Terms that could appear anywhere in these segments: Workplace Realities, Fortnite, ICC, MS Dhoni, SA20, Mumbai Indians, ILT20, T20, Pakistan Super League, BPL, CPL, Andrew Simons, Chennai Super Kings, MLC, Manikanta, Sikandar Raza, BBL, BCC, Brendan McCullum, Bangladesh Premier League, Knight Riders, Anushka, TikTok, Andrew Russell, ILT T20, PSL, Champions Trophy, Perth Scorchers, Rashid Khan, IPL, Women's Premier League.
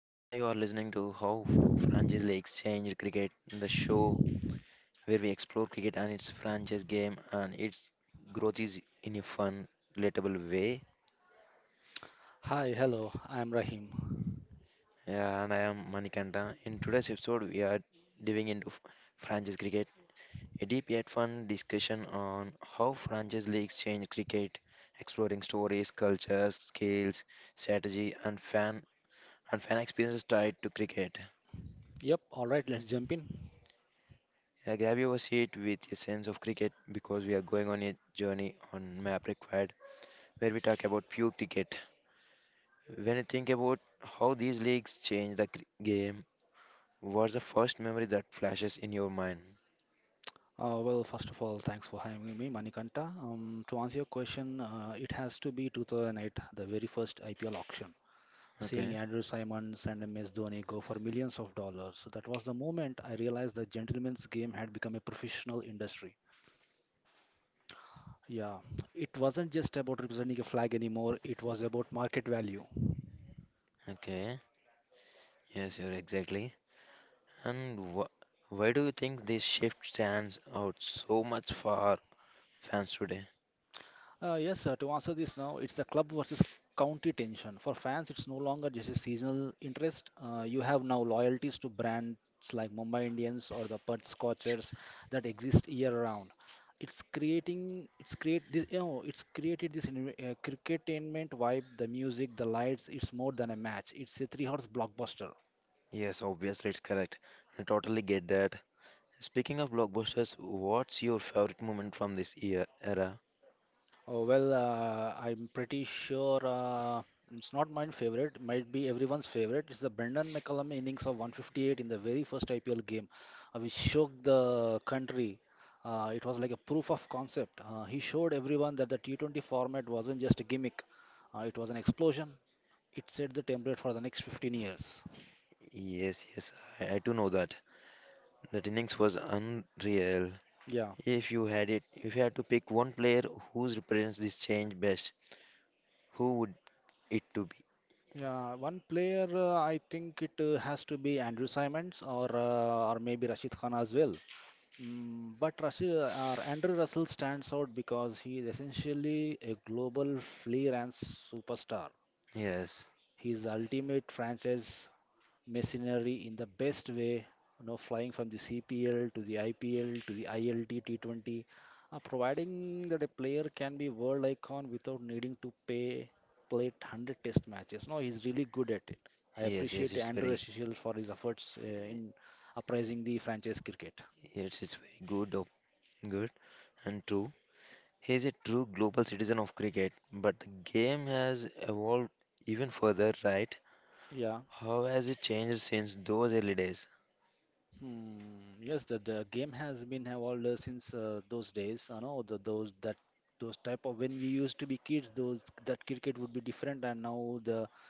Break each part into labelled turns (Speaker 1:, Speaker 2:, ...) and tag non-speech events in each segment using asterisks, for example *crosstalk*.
Speaker 1: Yeah, you are listening to Franchise Leagues Change Cricket, the show where we explore cricket and its franchise game and its growth is in a fun, relatable way.
Speaker 2: Hi, hello, I'm Rahim.
Speaker 1: Yeah, and I am Manikanta. In today's episode, we are diving into franchise cricket, a deep yet fun discussion on how franchise leagues change cricket, exploring stories, cultures, skills, strategy, and fan experiences tied to cricket.
Speaker 2: Yep, all right, let's jump in.
Speaker 1: Yeah, Gabby was hit with a sense of cricket because we are going on a journey on Map Required where we talk about pure cricket. When you think about how these leagues change the game, what's the first memory that flashes in your mind?
Speaker 2: First of all, thanks for having me, Manikanta. To answer your question, it has to be 2008, the very first IPL auction.
Speaker 1: Okay,
Speaker 2: Seeing Andrew Simons and MS Dhoni go for millions of dollars, so that was the moment I realized the gentleman's game had become a professional industry. Yeah, it wasn't just about representing a flag anymore, it was about market value.
Speaker 1: okay, yes, you're exactly. And why do you think this shift stands out so much for fans today?
Speaker 2: Yes, sir. To answer this now, it's the club versus county tension. For fans, it's no longer just a seasonal interest. You have now loyalties to brands like Mumbai Indians or the Perth Scorchers that exist year round. It's creating, it's create this, you know, it's created this cricketainment vibe. The music, the lights. It's more than a match. It's a three-horse blockbuster.
Speaker 1: Yes, obviously, it's correct. I totally get that. Speaking of blockbusters, what's your favorite moment from this year era?
Speaker 2: I'm pretty sure it's not my favorite, might be everyone's favorite. It's the Brendan McCullum innings of 158 in the very first IPL game, which shook the country. It was like a proof of concept. He showed everyone that the T20 format wasn't just a gimmick, it was an explosion. It set the template for the next 15 years.
Speaker 1: Yes, yes, I do know that. That innings was unreal.
Speaker 2: Yeah,
Speaker 1: If you had to pick one player who represents this change best, who would it to be?
Speaker 2: yeah. One player, I think it has to be Andrew Simons or or maybe Rashid Khan as well. But Andrew Russell stands out because he is essentially a global freelance superstar.
Speaker 1: Yes,
Speaker 2: He is the ultimate franchise mercenary in the best way, you know, flying from the CPL to the IPL to the ILT T20, providing that a player can be world icon without needing to pay play 100 test matches. No, he's really good at it. I
Speaker 1: yes, yes.
Speaker 2: appreciate Andrew Russell for his efforts in uprising the franchise cricket.
Speaker 1: Yes, it's very good and true. He's a true global citizen of cricket, but the game has evolved even further, right?
Speaker 2: Yeah.
Speaker 1: How has it changed since those early days?
Speaker 2: The game has been have all since those days. You know the those that those type of when we used to be kids, those that cricket would be different, and now the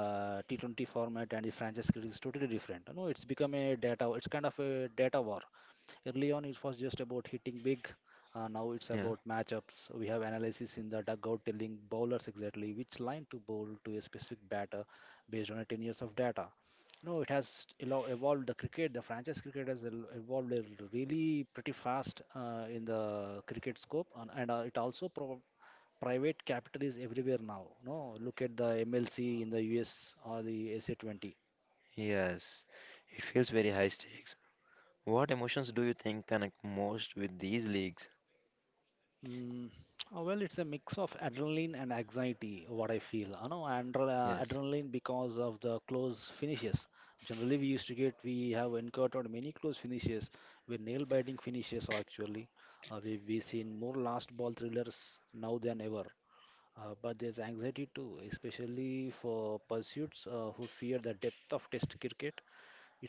Speaker 2: T20 format and the franchise cricket is totally different. You know it's become a data. It's kind of a data war. Early on, it was just about hitting big. Now it's
Speaker 1: Yeah.
Speaker 2: about matchups. We have analysis in the dugout telling bowlers exactly which line to bowl to a specific batter based on a 10 years of data. No, it has evolved the cricket. The franchise cricket has evolved a really pretty fast in the cricket scope, and, private capital is everywhere now. No, look at the MLC in the US or the SA20.
Speaker 1: Yes, it feels very high stakes. What emotions do you think connect most with these leagues?
Speaker 2: Mm, well, it's a mix of adrenaline and anxiety, what I feel. You know, and
Speaker 1: Yes,
Speaker 2: adrenaline because of the close finishes. Generally, we used to get, we have encountered many close finishes, where nail-biting finishes are actually. We've seen more last ball thrillers now than ever. But there's anxiety too, especially for pursuits who fear the depth of Test cricket.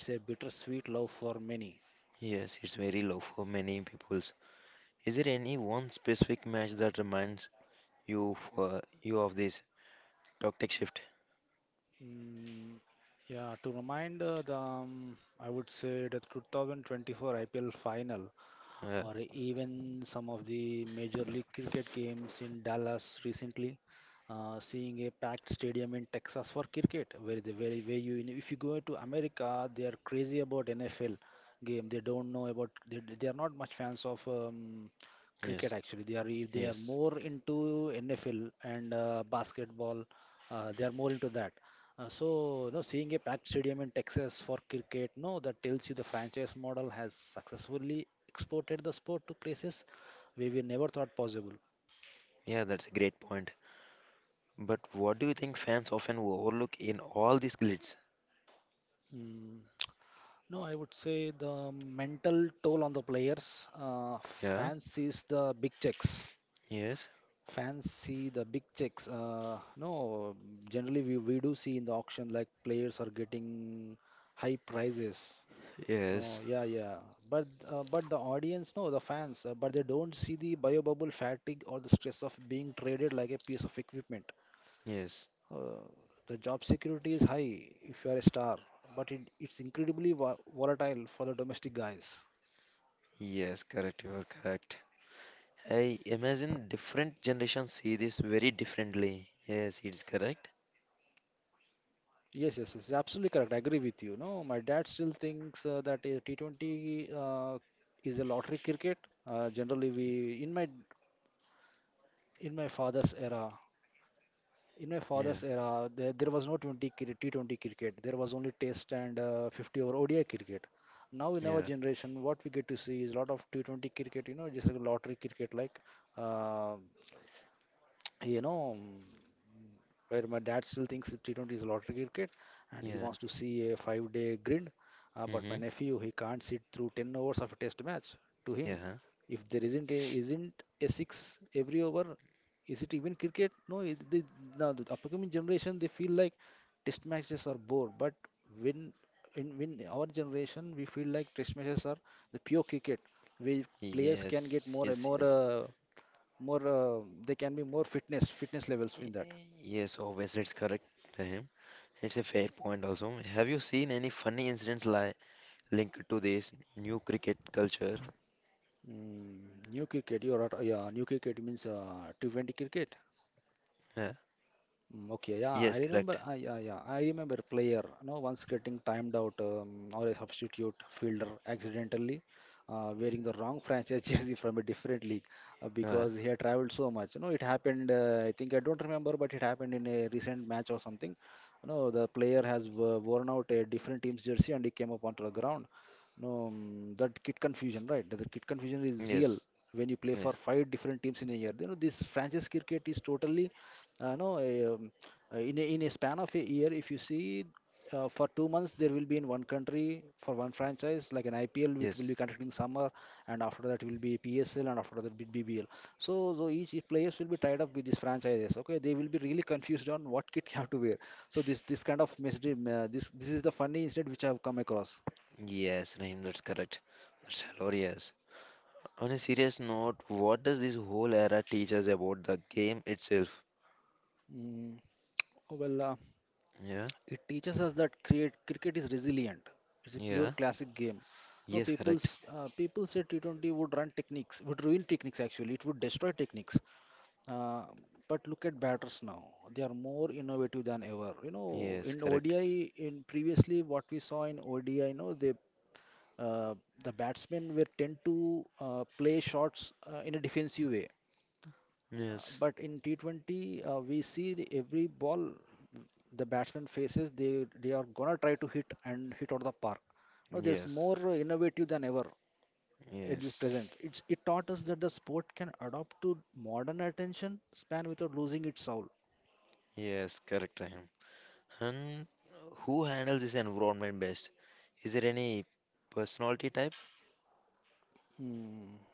Speaker 2: It's a bittersweet love for many.
Speaker 1: yes, it's very low for many peoples. Is there any one specific match that reminds you of this tactic shift?
Speaker 2: Mm, yeah, to remind I would say the 2024 IPL final
Speaker 1: Uh,
Speaker 2: or even some of the Major League Cricket games in Dallas recently seeing a packed stadium in Texas for cricket, where you if you go to America, they are crazy about NFL game. They don't know about they are not much fans of
Speaker 1: yes,
Speaker 2: cricket actually. They are
Speaker 1: yes,
Speaker 2: more into NFL and basketball. They are more into that. So, no, seeing a packed stadium in Texas for cricket, no, that tells you the franchise model has successfully exported the sport to places we never thought possible.
Speaker 1: yeah, that's a great point. But what do you think fans often overlook in all these glitz?
Speaker 2: Mm. No, I would say the mental toll on the players. Uh,
Speaker 1: Yeah,
Speaker 2: fans sees the big checks.
Speaker 1: yes,
Speaker 2: Fans see the big checks. No, generally we do see in the auction like players are getting high prices.
Speaker 1: yes,
Speaker 2: No, yeah. But the audience, no, the fans, but they don't see the biobubble fatigue or the stress of being traded like a piece of equipment.
Speaker 1: yes,
Speaker 2: Uh, the job security is high if you are a star, but it's incredibly vo volatile for the domestic guys.
Speaker 1: yes. Correct, you are correct. I imagine different generations see this very differently. Yes, it's correct.
Speaker 2: Yes, absolutely correct. I agree with you. No, my dad still thinks that t T20 is a lottery cricket. Generally, we in my father's era,
Speaker 1: Yeah,
Speaker 2: there was no T20 cricket. There was only Test and 50 over ODI cricket. Now in
Speaker 1: yeah,
Speaker 2: our generation, what we get to see is a lot of T20 cricket. You know, just like lottery cricket, uh, *tsk* you know where my dad still thinks that T20 is a lottery cricket and
Speaker 1: yeah.
Speaker 2: he wants to see a 5 day grid. But
Speaker 1: Mm-hmm.
Speaker 2: my nephew, he can't sit through 10 overs of a test match. To
Speaker 1: Yeah.
Speaker 2: him, if there isn't a six every over, is it even cricket? No, it, they, now the upcoming generation, they feel like test matches are bore. But when in when our generation, we feel like test matches are the pure cricket, where players can
Speaker 1: Yes,
Speaker 2: get more
Speaker 1: yes,
Speaker 2: and
Speaker 1: yes.
Speaker 2: more, they can be more fitness levels in that.
Speaker 1: Yes, obviously it's correct, Rahim. It's a fair point also. Have you seen any funny incidents li linked to this new cricket culture?
Speaker 2: Mm, new cricket, you're right. Yeah, new cricket means T20 cricket.
Speaker 1: Yeah.
Speaker 2: Okay, yeah,
Speaker 1: Yes,
Speaker 2: I
Speaker 1: correct.
Speaker 2: remember. Yeah, I remember player. No, once getting timed out or a substitute fielder accidentally wearing the wrong franchise *laughs* jersey from a different league
Speaker 1: Uh,
Speaker 2: because he had traveled so much. No, it happened. I think I don't remember, but it happened in a recent match or something. No, the player has worn out a different team's jersey and he came up onto the ground. No, mm, that kit confusion, right? The kit confusion is
Speaker 1: yes,
Speaker 2: real when you play
Speaker 1: yes,
Speaker 2: for five different teams in a year. You know, this franchise cricket is totally, no, in a span of a year, if you see, for 2 months there will be in one country for one franchise, like an IPL, which
Speaker 1: yes,
Speaker 2: will be conducting summer, and after that will be PSL, and after that will be BBL. So each players will be tied up with these franchises. Okay, they will be really confused on what kit you have to wear. So this kind of message, this this is the funny incident which I have come across.
Speaker 1: yes, Rahim, that's correct. That's hilarious. On a serious note, what does this whole era teach us about the game itself?
Speaker 2: Mm, oh, well, uh,
Speaker 1: Yeah,
Speaker 2: it teaches us that cricket is resilient. It's a
Speaker 1: yeah,
Speaker 2: pure classic game.
Speaker 1: yes,
Speaker 2: No,
Speaker 1: correct.
Speaker 2: people's people say T20 would run techniques, would ruin techniques actually. It would destroy techniques. Uh, but look at batters now. They are more innovative than ever. You
Speaker 1: Yes,
Speaker 2: know, in
Speaker 1: correct.
Speaker 2: ODI, in previously what we saw in ODI, you know, uh, the batsmen were tend to play shots in a defensive way
Speaker 1: Yes,
Speaker 2: but in T20, we see the, every ball the batsman faces, they are gonna try to hit and hit out of the park. No, there's
Speaker 1: yes,
Speaker 2: more innovative than ever at this
Speaker 1: yes,
Speaker 2: present. It taught us that the sport can adapt to modern attention span without losing its soul.
Speaker 1: yes, correct, Rahim. And who handles this environment best? Is there any personality type?
Speaker 2: Hmm.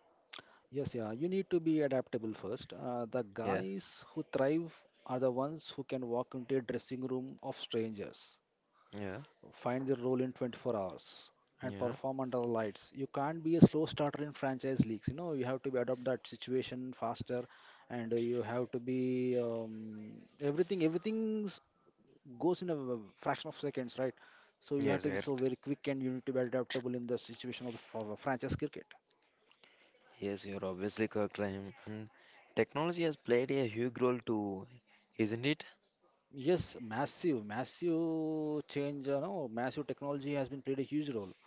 Speaker 2: Yes, you need to be adaptable first. The
Speaker 1: Yeah,
Speaker 2: guys who thrive are the ones who can walk into a dressing room of strangers,
Speaker 1: yeah,
Speaker 2: find the role in 24 hours and
Speaker 1: yeah.
Speaker 2: perform under the lights. You can't be a slow starter in franchise leagues. You know, you have to be adopt that situation faster, and you have to be everything. Everything goes in a fraction of seconds, right? So you
Speaker 1: Yes,
Speaker 2: have to be
Speaker 1: correct.
Speaker 2: so very quick, and you need to be adaptable in the situation of the of a franchise cricket.
Speaker 1: Yes, you're obviously correct, Rahim. And technology has played a huge role too, isn't it?
Speaker 2: Yes, massive, massive change. You know, massive technology has been played a huge role.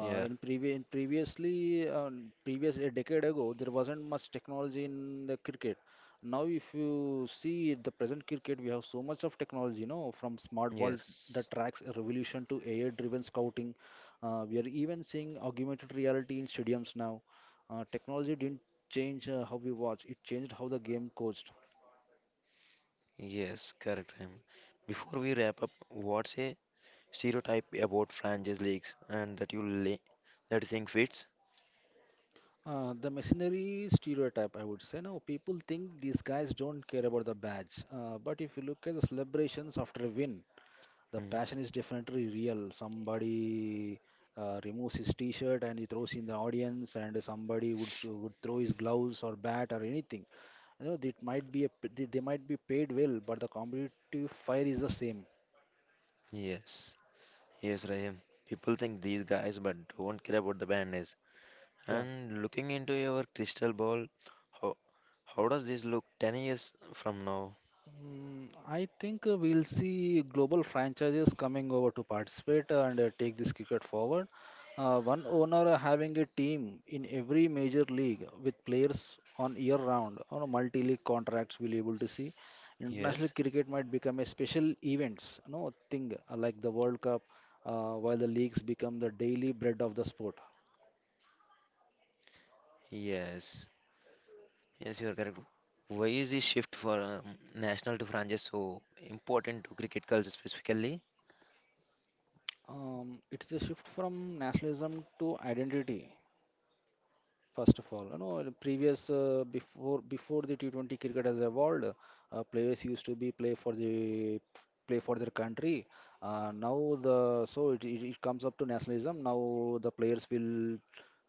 Speaker 1: Yeah,
Speaker 2: in previous, in previously, previous a decade ago, there wasn't much technology in the cricket. Now, if you see the present cricket, we have so much of technology. You know, from smart ball
Speaker 1: yes,
Speaker 2: that tracks a revolution to AI-driven scouting. We are even seeing augmented reality in stadiums now. Technology didn't change how we watch; it changed how the game coached.
Speaker 1: yes, correct, Rahim. Before we wrap up, what's a stereotype about franchise leagues and that you la that you think fits?
Speaker 2: The missionary stereotype, I would say. Now, people think these guys don't care about the badge. But if you look at the celebrations after a win, the
Speaker 1: Mm.
Speaker 2: passion is definitely real. Somebody removes his t-shirt and he throws in the audience, and somebody would would throw his gloves or bat or anything. You know, it might be a, they might be paid well, but the competitive fire is the same.
Speaker 1: Yes, yes, Rahim. People think these guys, but don't care about the band.
Speaker 2: Yeah.
Speaker 1: And looking into your crystal ball, how, how does this look 10 years from now?
Speaker 2: I think we'll see global franchises coming over to participate and take this cricket forward. One owner having a team in every major league with players on year round on multi-league contracts we'll able to see.
Speaker 1: Yes.
Speaker 2: International cricket might become a special events, no thing like the World Cup, while the leagues become the daily bread of the sport.
Speaker 1: Yes, yes, you are correct. Why is this shift for national to franchise so important to cricket culture specifically?
Speaker 2: It's a shift from nationalism to identity. First of all, you know, in previous before the T20 cricket has evolved, players used to be play for their country. Now the so it comes up to nationalism. Now the players will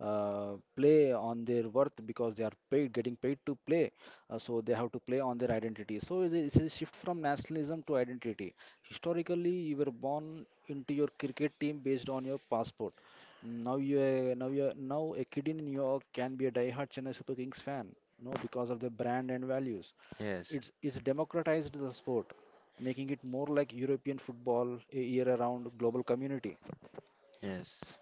Speaker 2: play on their worth because they are paid, getting paid to play. So they have to play on their identity. So it's a shift from nationalism to identity. Historically, you were born into your cricket team based on your passport. Now you now you now a kid in New York can be a die-hard Chennai Super Kings fan, no, because of the brand and values.
Speaker 1: Yes,
Speaker 2: It's democratized the sport, making it more like European football, a year-round global community.
Speaker 1: yes,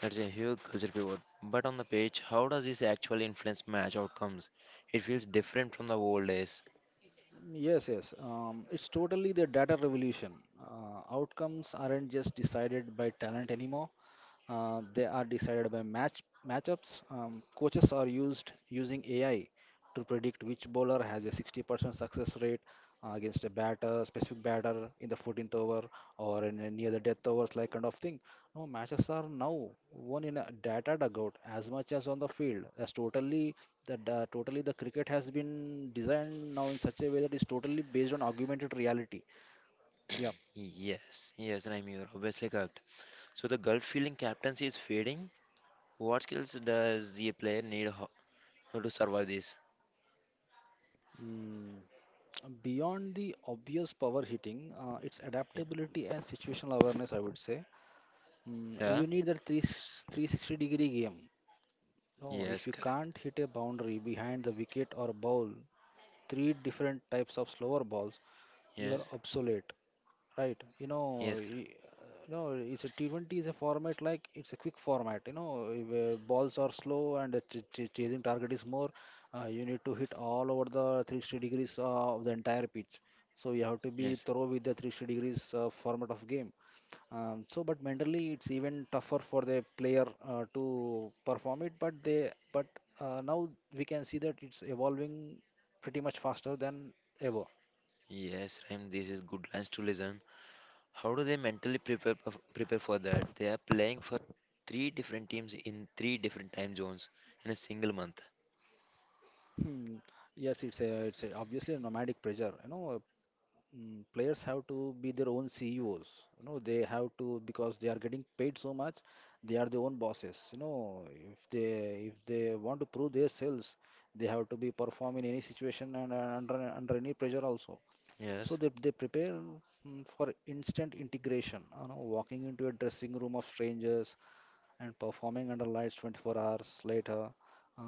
Speaker 1: that's a huge culture pivot. But on the page, how does this actually influence match outcomes? It feels different from the old days.
Speaker 2: Yes, yes. It's totally the data revolution. Outcomes aren't just decided by talent anymore. They are decided by matchups. Coaches are used using AI to predict which bowler has a 60% success rate against a specific batter in the 14th over or in a near the death overs, like kind of thing. No, matches are now won in a data dugout as much as on the field. That's totally the cricket has been designed now in such a way that it's totally based on augmented reality. Yeah.
Speaker 1: Yes, yes, Raim, you're obviously correct. So the gut feeling captaincy is fading. What skills does the player need? How to survive this?
Speaker 2: Mm. Beyond the obvious power hitting, it's
Speaker 1: Yeah.
Speaker 2: adaptability and situational awareness, I would say.
Speaker 1: Yeah.
Speaker 2: You need that 360-degree game. No,
Speaker 1: Yes,
Speaker 2: if you
Speaker 1: correct.
Speaker 2: can't hit a boundary behind the wicket or bowl three different types of slower balls, you
Speaker 1: Yes.
Speaker 2: are obsolete, right?
Speaker 1: Yes, correct.
Speaker 2: No, it's a T20 is a format like it's a quick format. You know, if, balls are slow and the ch ch chasing target is more. You need to hit all over the 360 degrees of the entire pitch. So you have to be
Speaker 1: Yes.
Speaker 2: thorough with the 360 degrees format of game. So, but mentally, it's even tougher for the player to perform it. But they, but now we can see that it's evolving pretty much faster than ever.
Speaker 1: Yes, Rahim, this is good lines to listen. How do they mentally prepare for that? They are playing for three different teams in three different time zones in a single month.
Speaker 2: Hmm. Yes, obviously a nomadic pressure. You know, players have to be their own CEOs. You know, they have to because they are getting paid so much, they are their own bosses. You know, if they want to prove their sales, they have to be perform in any situation and, under any pressure also.
Speaker 1: Yes.
Speaker 2: So they prepare for instant integration. You know, walking into a dressing room of strangers and performing under lights 24 hours later.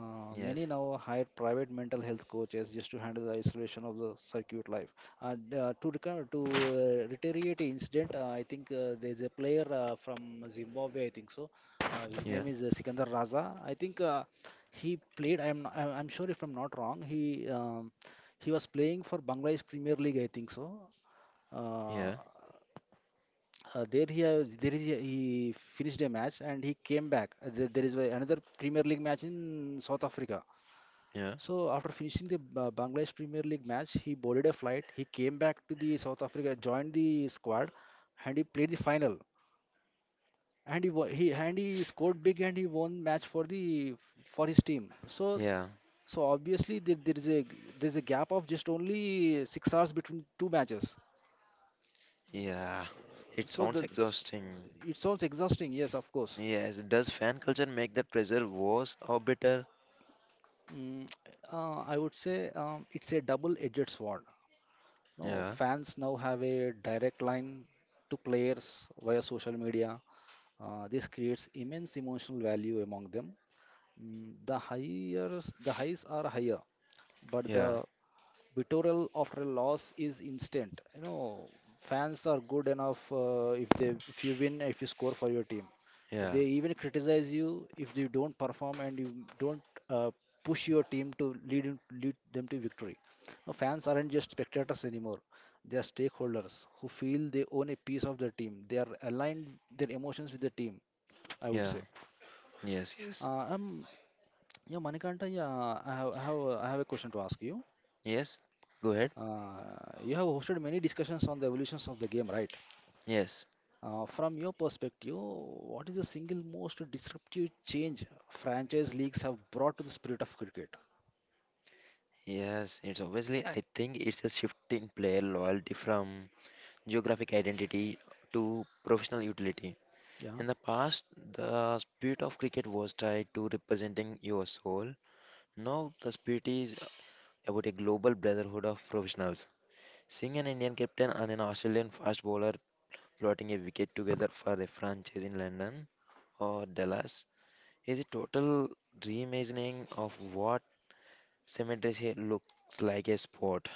Speaker 1: Yes.
Speaker 2: Many now hire private mental health coaches just to handle the isolation of the circuit life. And to recur to reiterate the incident, I think there's a player from Zimbabwe, I think so. His
Speaker 1: Yeah.
Speaker 2: name is Sikandar Raza. I think he played. I'm sure if I'm not wrong, he was playing for Bangladesh Premier League, I think so.
Speaker 1: Yeah.
Speaker 2: Uh, there he he finished a match and he came back. There is a- another Premier League match in South Africa.
Speaker 1: Yeah.
Speaker 2: So after finishing the Bangladesh Premier League match, he boarded a flight. He came back to the South Africa, joined the squad, and he played the final. And he scored big and he won match for the for his team. So
Speaker 1: Yeah.
Speaker 2: so obviously there is a gap of just only 6 hours between two matches.
Speaker 1: Yeah. It
Speaker 2: So
Speaker 1: sounds
Speaker 2: the,
Speaker 1: exhausting.
Speaker 2: it sounds exhausting. Yes, of course.
Speaker 1: Yes. Does fan culture make that pressure worse or better?
Speaker 2: Mm, I would say it's a double-edged sword. No,
Speaker 1: Yeah.
Speaker 2: fans now have a direct line to players via social media. This creates immense emotional value among them. The highs are higher, but
Speaker 1: Yeah.
Speaker 2: the Bittorel after a loss is instant. You know, fans are good enough if you win if you score for your team.
Speaker 1: Yeah.
Speaker 2: They even criticize you if you don't perform and you don't uh, push your team to lead them to victory. Now, fans aren't just spectators anymore. They are stakeholders who feel they own a piece of their team. They are aligned their emotions with the team. I would
Speaker 1: Yeah.
Speaker 2: say.
Speaker 1: Yes. Yes.
Speaker 2: Uh, um, yeah, Manikanta. Yeah, I have a question to ask you.
Speaker 1: Yes. Go ahead.
Speaker 2: Uh, you have hosted many discussions on the evolutions of the game, right?
Speaker 1: Yes.
Speaker 2: From your perspective, what is the single most disruptive change franchise leagues have brought to the spirit of cricket?
Speaker 1: Yes, it's obviously, I think it's a shift in player loyalty from geographic identity to professional utility. In
Speaker 2: Yeah.
Speaker 1: the past, the spirit of cricket was tied to representing your soul. Now, the spirit is about a global brotherhood of professionals. Seeing an Indian captain and an Australian fast bowler plotting a wicket together for a franchise in London or Dallas is a total reimagining of what cemetery looks like a sport.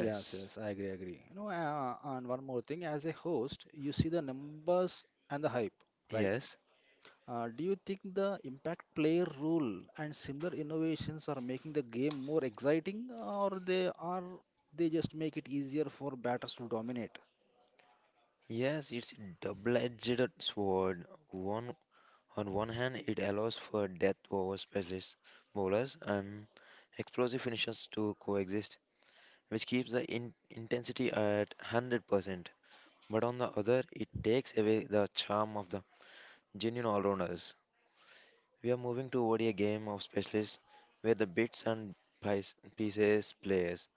Speaker 2: Yes, yes, I agree, agree. You know, and one more thing, as a host, you see the numbers and the hype, right?
Speaker 1: yes.
Speaker 2: Do you think the impact player rule and similar innovations are making the game more exciting, or they just make it easier for batters to dominate?
Speaker 1: Yes, it's double-edged sword. One on one hand, it allows for death over specialist bowlers and explosive finishers to coexist, which keeps the in intensity at 100%. But on the other, it takes away the charm of the genuine all-rounders. We are moving toward a game of specialists where the bits and pieces players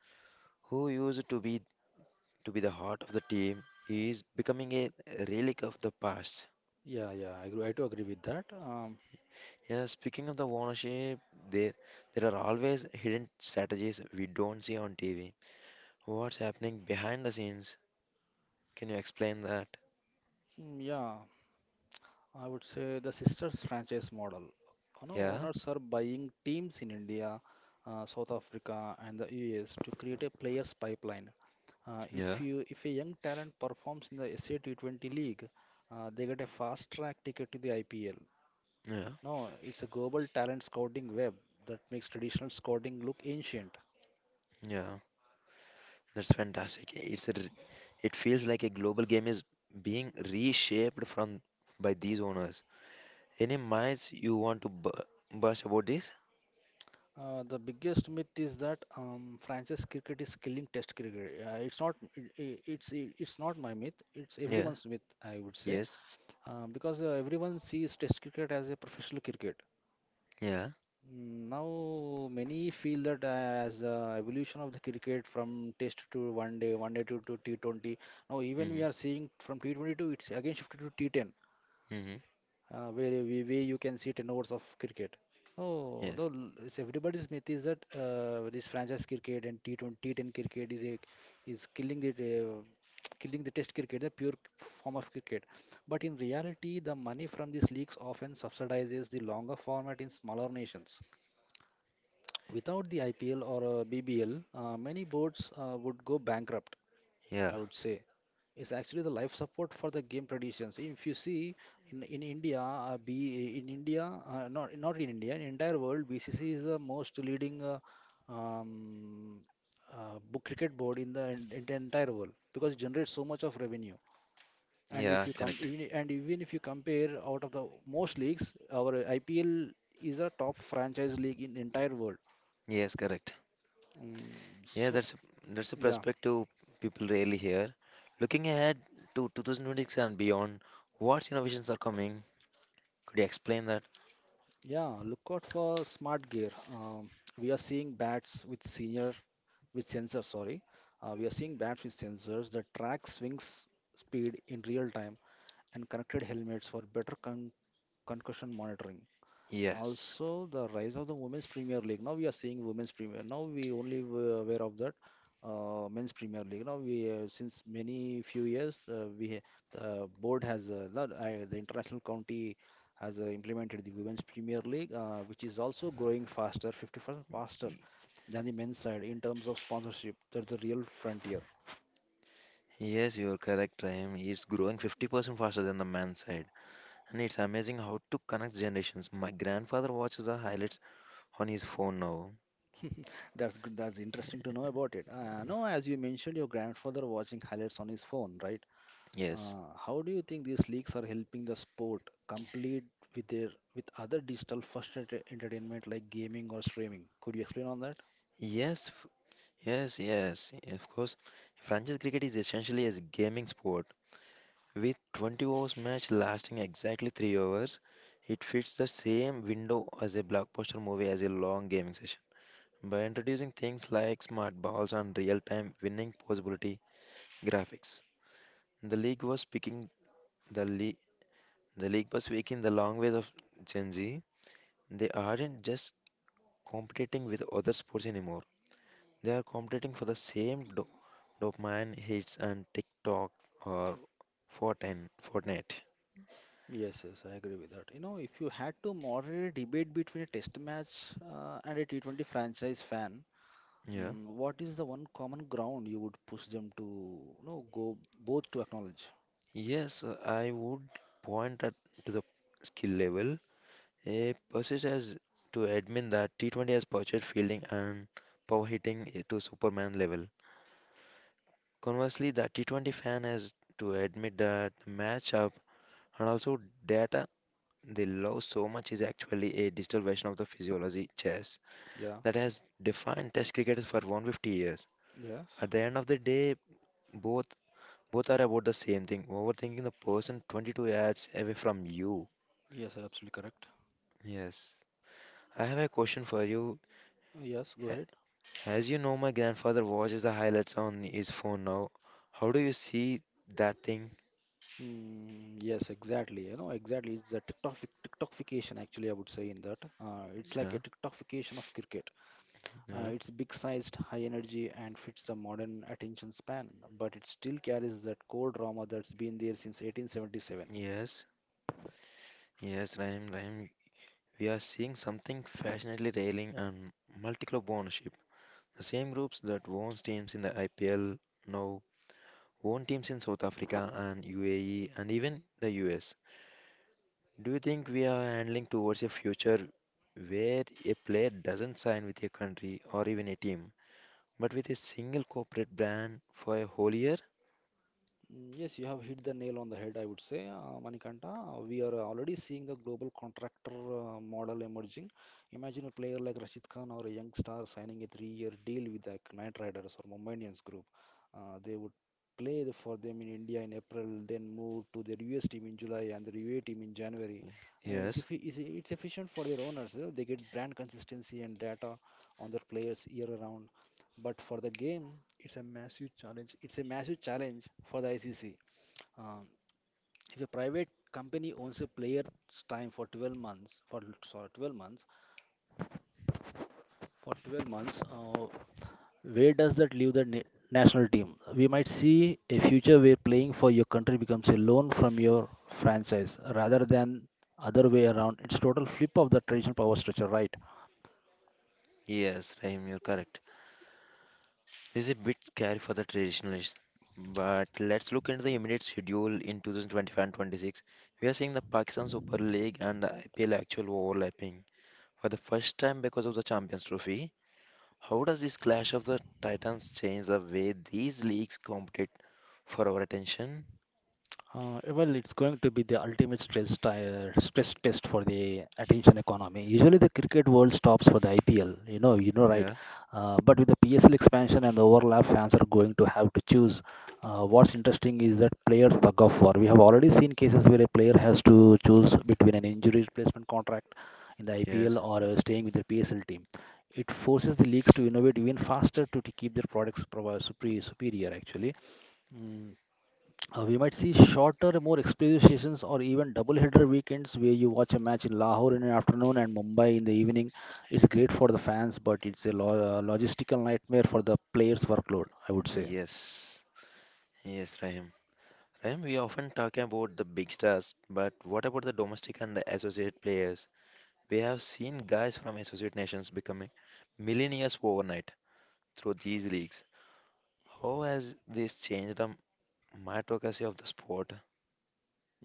Speaker 1: who used to be the heart of the team is becoming a relic of the past.
Speaker 2: Yeah, yeah, I agree. I do agree with that.
Speaker 1: Yeah, speaking of the ownership, there there are always hidden strategies we don't see on TV. What's happening behind the scenes? Can you explain that?
Speaker 2: Yeah, I would say the sisters franchise model. You know,
Speaker 1: Yeah,
Speaker 2: owners are buying teams in India, South Africa, and the US to create a players pipeline.
Speaker 1: yeah,
Speaker 2: If you if a young talent performs in the SA T20 league, they get a fast track ticket to the IPL.
Speaker 1: yeah,
Speaker 2: No, it's a global talent scouting web that makes traditional scouting look ancient.
Speaker 1: yeah. That's fantastic. It feels like a global game is being reshaped from by these owners. Any minds you want to bu burst about this?
Speaker 2: The biggest myth is that franchise cricket is killing Test cricket. It's not. It's not my myth. It's
Speaker 1: Yeah,
Speaker 2: everyone's myth, I would say,
Speaker 1: yes,
Speaker 2: because everyone sees Test cricket as a professional cricket.
Speaker 1: yeah,
Speaker 2: Now many feel that as evolution of the cricket from Test to One Day, One Day to T20. Now even
Speaker 1: mm-hmm,
Speaker 2: we are seeing from T20 to it's again shifted to T10
Speaker 1: mm-hmm,
Speaker 2: where you can see 10 hours of cricket. No,
Speaker 1: yes,
Speaker 2: no, l- it's everybody's myth is that this franchise cricket and T20, T10 cricket is killing the *tsk* killing the test cricket, the pure form of cricket. But in reality, the money from these leagues often subsidizes the longer format in smaller nations. Without the IPL or BBL, many boards would go bankrupt.
Speaker 1: yeah,
Speaker 2: I would say. It's actually the life support for the game traditions. If you see in India, be in India, not in India, in entire world, BCC is the most leading um, book cricket board in the in the entire world because it generates so much of revenue. And
Speaker 1: yeah,
Speaker 2: if you come,
Speaker 1: correct.
Speaker 2: even, and even if you compare out of the most leagues, our IPL is a top franchise league in entire world.
Speaker 1: Yes, correct.
Speaker 2: Um,
Speaker 1: Yeah,
Speaker 2: so
Speaker 1: that's a
Speaker 2: yeah,
Speaker 1: perspective people rarely hear. Looking ahead to 2026 and beyond, what innovations are coming? Could you explain that?
Speaker 2: Yeah, look out for smart gear. We are seeing bats with senior with sensors, sorry. We are seeing bats with sensors that track swings speed in real time and connected helmets for better concussion monitoring.
Speaker 1: Yes.
Speaker 2: Also, the rise of the Women's Premier League. Now we are seeing Women's Premier. Now we only were aware of that Men's Premier League. Now we since many few years the board has the international county has implemented the Women's Premier League, which is also growing faster, 50% faster
Speaker 1: y-
Speaker 2: than the men's side in terms of sponsorship. That's the real frontier.
Speaker 1: Yes, you're correct, Rahim. It's growing 50% faster than the man's side. And it's amazing how to connect generations. My grandfather watches the highlights on his phone now.
Speaker 2: *laughs* That's good. That's interesting to know about it. No, as you mentioned, your grandfather watching highlights on his phone, right?
Speaker 1: Yes.
Speaker 2: How do you think these leagues are helping the sport complete with their with other digital first entertainment like gaming or streaming? Could you explain on that?
Speaker 1: Yes, f- yes, yes. Of course, franchise cricket is essentially a gaming sport. With 20 overs match lasting exactly 3 hours, it fits the same window as a blockbuster movie as a long gaming session. By introducing things like smart balls and real-time winning possibility graphics, the league was picking the league the league was speaking the language of Gen Z. They aren't just competing with other sports anymore. They are competing for the same dopamine hits and TikTok or Fortnite. Fortnite.
Speaker 2: Yes, yes, I agree with that. You know, if you had to moderate a debate between a test match and a T20 franchise fan,
Speaker 1: Yeah.
Speaker 2: what is the one common ground you would push them to, you know, go both to acknowledge?
Speaker 1: Yes, I would point at to the skill level. A Persis has to admit that T20 has purchased fielding and power hitting to Superman level. Conversely, the T20 fan has to admit that the matchup and also data they love so much is actually a digital version of the physiology chess
Speaker 2: Yeah.
Speaker 1: that has defined test cricket for 150 years.
Speaker 2: Yes.
Speaker 1: At the end of the day, both both are about the same thing, overthinking the person 22 yards away from you.
Speaker 2: Yes, absolutely correct.
Speaker 1: Yes. I have a question for you.
Speaker 2: Yes, go
Speaker 1: A-
Speaker 2: ahead.
Speaker 1: As you know, my grandfather watches the highlights on his phone now. How do you see that thing?
Speaker 2: Yes, exactly. You know, exactly. It's a TikTokification, actually, I would say in that. It's like
Speaker 1: Yeah,
Speaker 2: a TikTokification of cricket.
Speaker 1: yeah,
Speaker 2: It's big sized, high energy, and fits the modern attention span, but it still carries that core drama that's been there since 1877.
Speaker 1: yes, yes, Rahim. We are seeing something passionately railing on multi-club ownership. The same groups that owns teams in the IPL now own teams in South Africa and UAE and even the US. Do you think we are handling towards a future where a player doesn't sign with a country or even a team, but with a single corporate brand for a whole year?
Speaker 2: Yes, you have hit the nail on the head, I would say, Manikanta. We are already seeing the global contractor model emerging. Imagine a player like Rashid Khan or a young star signing a three-year deal with like Knight Riders or Mumbai Indians group. They would for them in India in April, then move to their US team in July and their UAE team in January. Uh, it's,
Speaker 1: Yes,
Speaker 2: effi- it's, it's efficient for their owners. They get brand consistency and data on their players year round. But for the game, it's a massive challenge for the ICC. Um, if a private company owns a player's time for 12 months, for sorry, 12 months, for 12 months, where does that leave the national team. We might see a future where playing for your country becomes a loan from your franchise rather than other way around. It's total flip of the traditional power structure, right?
Speaker 1: yes, Rahim, you're correct. This is a bit scary for the traditionalists, but let's look into the immediate schedule in 2025 and 26. We are seeing the Pakistan Super League and the IPL actual overlapping for the first time because of the Champions Trophy. How does this clash of the titans change the way these leagues compete for our attention?
Speaker 2: Well, it's going to be the ultimate stress test for the attention economy. Usually, the cricket world stops for the IPL. You know, right?
Speaker 1: Yeah,
Speaker 2: But with the PSL expansion and the overlap, fans are going to have to choose. What's interesting is that players tug of war. We have already seen cases where a player has to choose between an injury replacement contract in the IPL
Speaker 1: yes,
Speaker 2: or staying with the PSL team. It forces the leagues to innovate even faster to keep their products superior, actually. Mm. We might see shorter, more explosive sessions or even double header weekends where you watch a match in Lahore in the afternoon and Mumbai in the evening. It's great for the fans, but it's a logistical nightmare for the players' workload, I would say.
Speaker 1: yes, yes, Rahim. And we often talk about the big stars, but what about the domestic and the associate players? We have seen guys from associate nations becoming millionaires overnight through these leagues. How has this changed the meritocracy of the sport?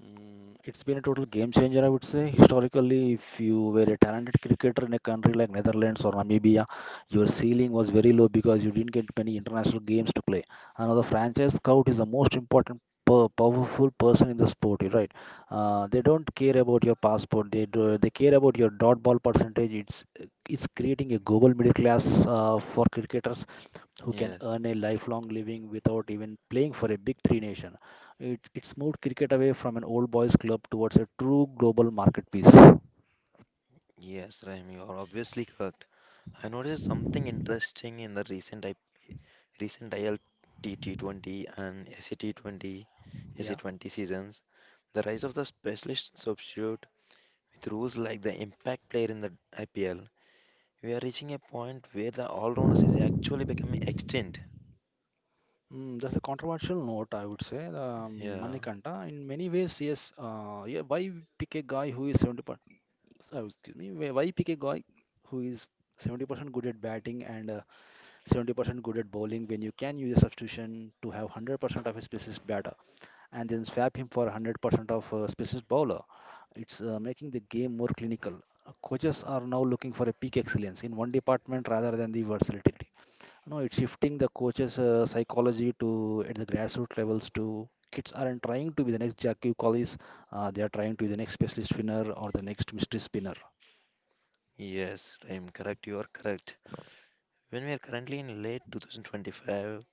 Speaker 2: It's been a total game changer, I would say. Historically, if you were a talented cricketer in a country like Netherlands or Namibia, your ceiling was very low because you didn't get many international games to play. Another franchise scout is the most important, per powerful person in the sport, you're right? They don't care about your passport. They do, they care about your dot ball percentage. It's creating a global middle class for cricketers who can
Speaker 1: Yes,
Speaker 2: earn a lifelong living without even playing for a big three nation. It's moved cricket away from an old boys club towards a true global marketplace.
Speaker 1: yes, Rahim, you are obviously correct. I noticed something interesting in the recent I P recent ILT T20 and SC T20,
Speaker 2: Yeah.
Speaker 1: SC20 seasons. The rise of the specialist substitute. With rules like the impact player in the IPL, we are reaching a point where the all-rounders is actually becoming extinct.
Speaker 2: That's a controversial note, I would say.
Speaker 1: Yeah,
Speaker 2: Manikanta, in many ways, yes. Yeah, why pick a guy who is 70%? Oh, excuse me. Why pick a guy who is 70% good at batting and 70% good at bowling when you can use a substitution to have 100% of a specialist batter and then swap him for 100% of a specialist bowler. It's making the game more clinical. Coaches are now looking for a peak excellence in one department rather than the versatility. No, it's shifting the coaches' psychology to at the grassroots levels to kids aren't trying to be the next Jackie Collis. They are trying to be the next specialist spinner or the next mystery spinner.
Speaker 1: yes, I am correct. you are correct. When we are currently in late 2025,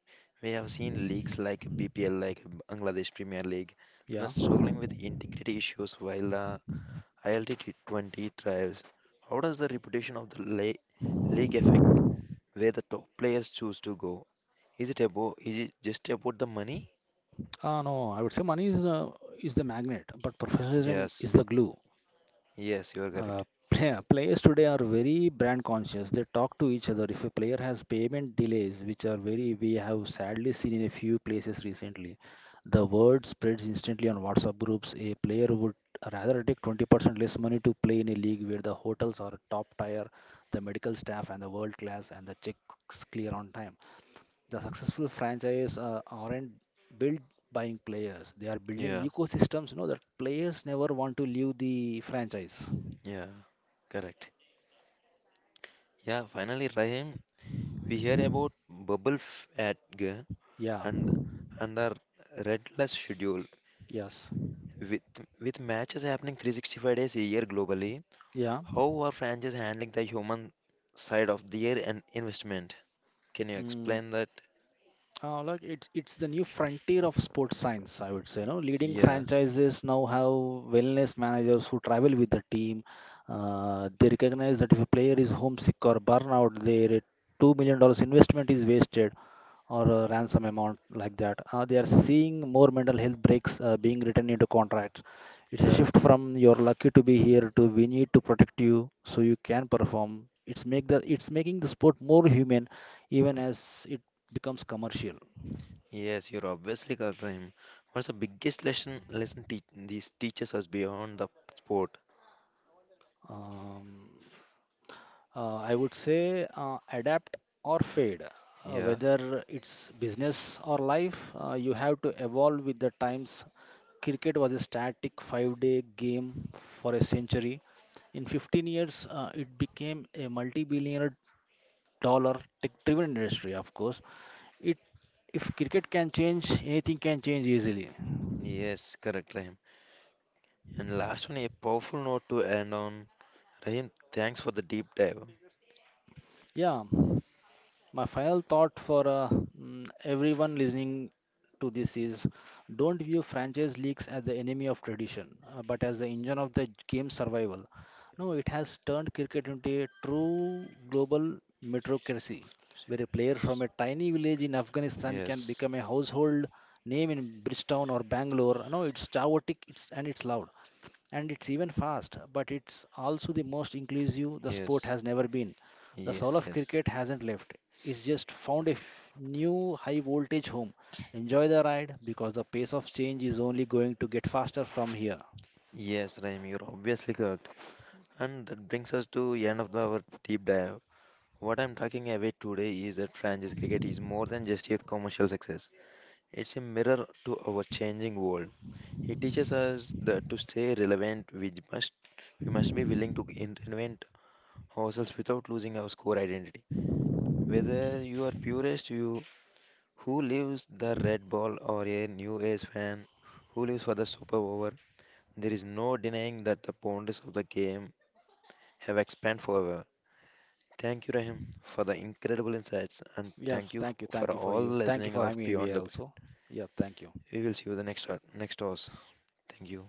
Speaker 1: we have seen leagues like BPL, like Bangladesh Premier League,
Speaker 2: Yeah.
Speaker 1: that struggling with integrity issues while the ILT 20 thrives. How does the reputation of the league affect where the top players choose to go? Is it just about the money?
Speaker 2: No, I would say money is the magnet, but professionalism is
Speaker 1: Yes,
Speaker 2: the glue.
Speaker 1: yes, you are correct.
Speaker 2: Uh, *laughs* Players today are very brand conscious. They talk to each other. If a player has payment delays, which are very we have sadly seen in a few places recently, the word spreads instantly on WhatsApp groups. A player would rather take 20% less money to play in a league where the hotels are top tier, the medical staff and the world class, and the checks clear on time. The successful franchise aren't built buying players. They are building
Speaker 1: Yeah,
Speaker 2: ecosystems, you know, that players never want to leave the franchise.
Speaker 1: yeah, correct. Yeah, finally, Rahim, we hear about bubble f- at g-
Speaker 2: Yeah.
Speaker 1: and our relentless schedule
Speaker 2: Yes.
Speaker 1: with with matches happening 365 days a year globally.
Speaker 2: Yeah.
Speaker 1: How are franchises handling the human side of their investment? Can you
Speaker 2: Mm,
Speaker 1: explain that?
Speaker 2: Like it's the new frontier of sports science, I would say. No, leading
Speaker 1: Yeah,
Speaker 2: franchises now have wellness managers who travel with the team. They recognize that if a player is homesick or burnout, their $2 million investment is wasted, or a ransom amount like that. They are seeing more mental health breaks being written into contracts. It's a
Speaker 1: yeah,
Speaker 2: shift from you're lucky to be here to we need to protect you so you can perform. It's making the sport more human even as it becomes commercial.
Speaker 1: yes, you're obviously correct, Rahim. What's the biggest lesson this teaches us beyond the sport?
Speaker 2: Um, I would say adapt or fade.
Speaker 1: Yeah,
Speaker 2: Whether it's business or life, you have to evolve with the times. Cricket was a static 5 day game for a century. In 15 years, it became a multi billion dollar tech driven industry, of course. It, if cricket can change, anything can change easily.
Speaker 1: yes, correct, Rahim. And last one, a powerful note to end on. Rahim, thanks for the deep dive.
Speaker 2: Yeah. My final thought for everyone listening to this is don't view franchise leagues as the enemy of tradition, but as the engine of the game's survival. No, it has turned cricket into a true global meritocracy, where a player from a tiny village in Afghanistan can
Speaker 1: Yes,
Speaker 2: become a household name in Bridgetown or Bangalore. No, it's chaotic, it's and it's loud, and it's even fast, but it's also the most inclusive the sport
Speaker 1: yes,
Speaker 2: has never been. The soul
Speaker 1: yes,
Speaker 2: of
Speaker 1: yes.
Speaker 2: cricket hasn't left is just found a new high voltage home. Enjoy the ride because the pace of change is only going to get faster from here.
Speaker 1: Yes, Rahim, you're obviously correct. And that brings us to end of our deep dive. What I'm talking about today is that franchise cricket is more than just a commercial success. It's a mirror to our changing world. It teaches us that to stay relevant, we must be willing to invent ourselves without losing our core identity. Whether you are purist, you Who leaves the red ball or a new age fan? Who leaves for the super over? There is no denying that the boundaries of the game have expanded forever. Thank you, Rahim, for the incredible insights, and
Speaker 2: Yes,
Speaker 1: thank you
Speaker 2: thank you. Thank
Speaker 1: for
Speaker 2: you for
Speaker 1: all
Speaker 2: you. Thank you
Speaker 1: listening
Speaker 2: for having
Speaker 1: of
Speaker 2: me
Speaker 1: Beyond
Speaker 2: here
Speaker 1: the Bat.
Speaker 2: also. Yeah, thank you.
Speaker 1: We will see you the next hours. Thank you.